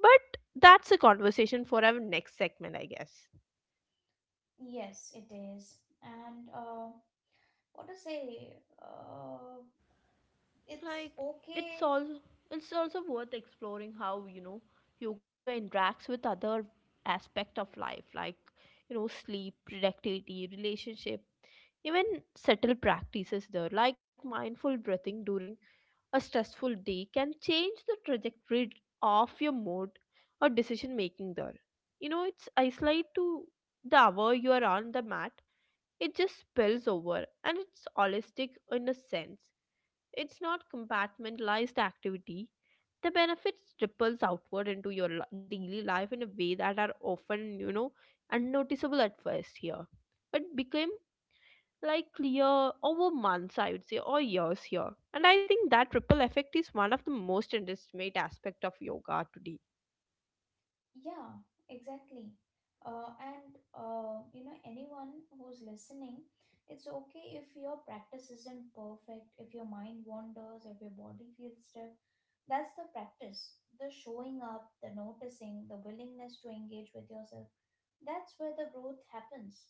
A: but that's a conversation for our next segment, I guess.
B: Yes, it is. And what to say? Uh, it's
A: like
B: okay.
A: it's all it's also worth exploring how, you know, yoga interacts with other aspect of life, like, you know, sleep, productivity, relationship, even subtle practices there, like mindful breathing during a stressful day can change the trajectory of your mood or decision making there. You know, it's isolate to the hour you are on the mat. It just spills over and it's holistic in a sense. It's not compartmentalized activity. The benefits ripples outward into your daily life in a way that are often, you know, unnoticeable at first here, but became like clear over months, I would say, or years here. And I think that ripple effect is one of the most underestimated aspect of yoga today.
B: Yeah, exactly. And anyone who's listening, it's okay if your practice isn't perfect, if your mind wanders, if your body feels stiff. That's the practice, the showing up, the noticing, the willingness to engage with yourself. That's where the growth happens.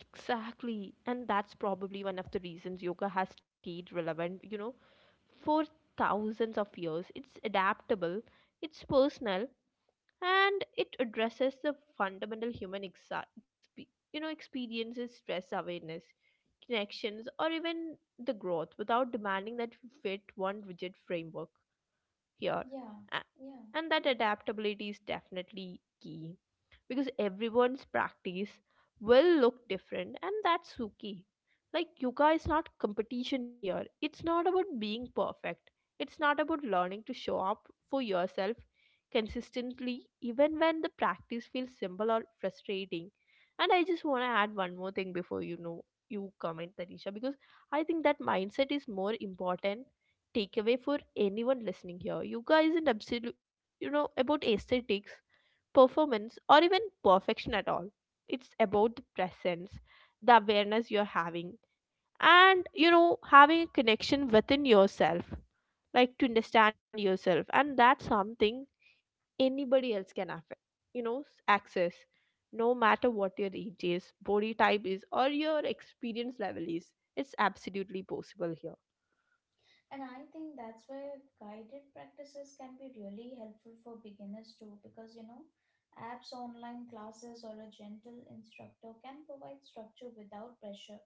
A: Exactly, and that's probably one of the reasons yoga has stayed relevant, you know, for thousands of years. It's adaptable, it's personal, and it addresses the fundamental human you know experiences, stress, awareness, connections, or even the growth without demanding that we fit one rigid framework here.
B: Yeah,
A: A-
B: yeah,
A: And that
B: yeah.
A: adaptability is definitely key, because everyone's practice will look different, and that's okay. Like, yoga is not competition here, it's not about being perfect, it's not about learning to show up for yourself consistently, even when the practice feels simple or frustrating. And I just want to add one more thing before, you comment, Tanisha, because I think that mindset is more important takeaway for anyone listening here. Yoga isn't absolute, you know, about aesthetics, performance, or even perfection at all. It's about the presence, the awareness you're having, and you know, having a connection within yourself, like to understand yourself, and that's something anybody else can affect, access. No matter what your age is, body type is, or your experience level is, it's absolutely possible here.
B: And I think that's where guided practices can be really helpful for beginners too, because, you know, apps, online classes, or a gentle instructor can provide structure without pressure.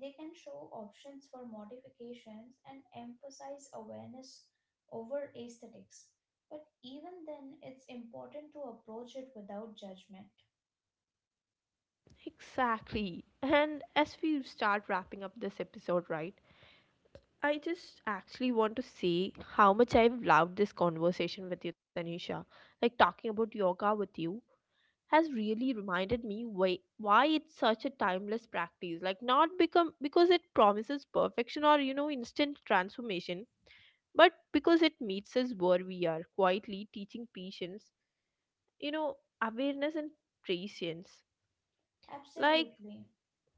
B: They can show options for modifications and emphasize awareness over aesthetics. But even then, it's important to approach it without judgment.
A: Exactly. And as we start wrapping up this episode, right, I just actually want to say how much I've loved this conversation with you, Tanisha. Like talking about yoga with you has really reminded me why it's such a timeless practice. Like not become because it promises perfection or you know instant transformation, but because it meets us where we are, quietly teaching patience, you know, awareness and patience. Like
B: Absolutely.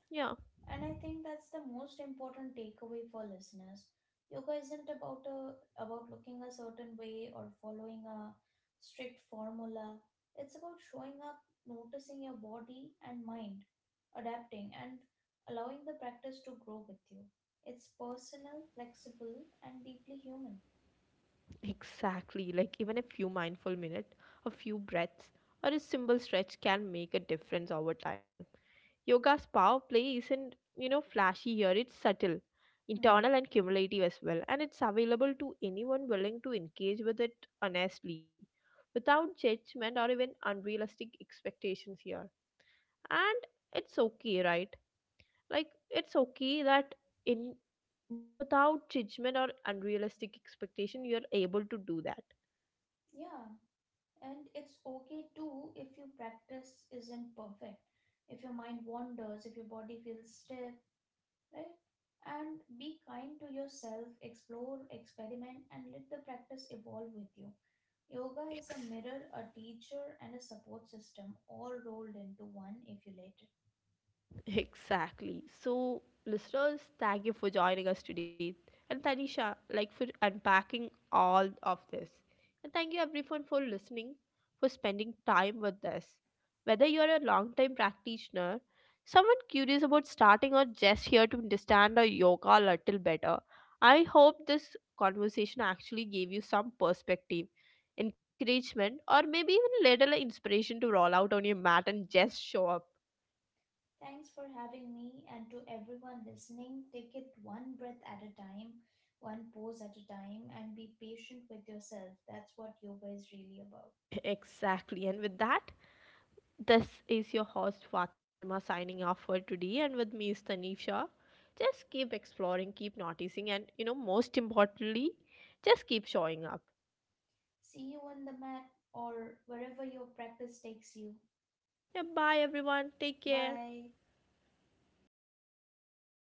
A: yeah.
B: And I think that's the most important takeaway for listeners. Yoga isn't about about looking a certain way or following a strict formula. It's about showing up, noticing your body and mind, adapting and allowing the practice to grow with you. It's personal, flexible and deeply human.
A: Exactly, like even a few mindful minutes, a few breaths, or a simple stretch can make a difference over time. Yoga's power play isn't, you know, flashy here, it's subtle,
B: Hmm.
A: internal and cumulative as well, and it's available to anyone willing to engage with it honestly, without judgment or even unrealistic expectations here. And it's okay, right? Like it's okay that in without judgment or unrealistic expectation, you're able to do that.
B: Yeah, and it's okay too if your practice isn't perfect. If your mind wanders, if your body feels stiff, right? And be kind to yourself, explore, experiment, and let the practice evolve with you. Yoga is a
A: Ex-
B: mirror, a teacher, and a support system all rolled into one if you let it.
A: Exactly. So, listeners, thank you for joining us today. And Tanisha, like for unpacking all of this. And thank you everyone for listening, for spending time with us. Whether you're a long-time practitioner, someone curious about starting or just here to understand our yoga a little better, I hope this conversation actually gave you some perspective, encouragement, or maybe even a little inspiration to roll out on your mat and just show up.
B: Thanks for having me, and to everyone listening, take it one breath at a time, one pose at a time, and be patient with yourself. That's what yoga is really about.
A: Exactly. And with that, this is your host Fatima signing off for today. And with me is Tanisha. Just keep exploring, keep noticing, and you know, most importantly, just keep showing up.
B: See you on the mat or wherever your practice takes you.
A: Yeah, bye everyone. Take care.
B: Bye.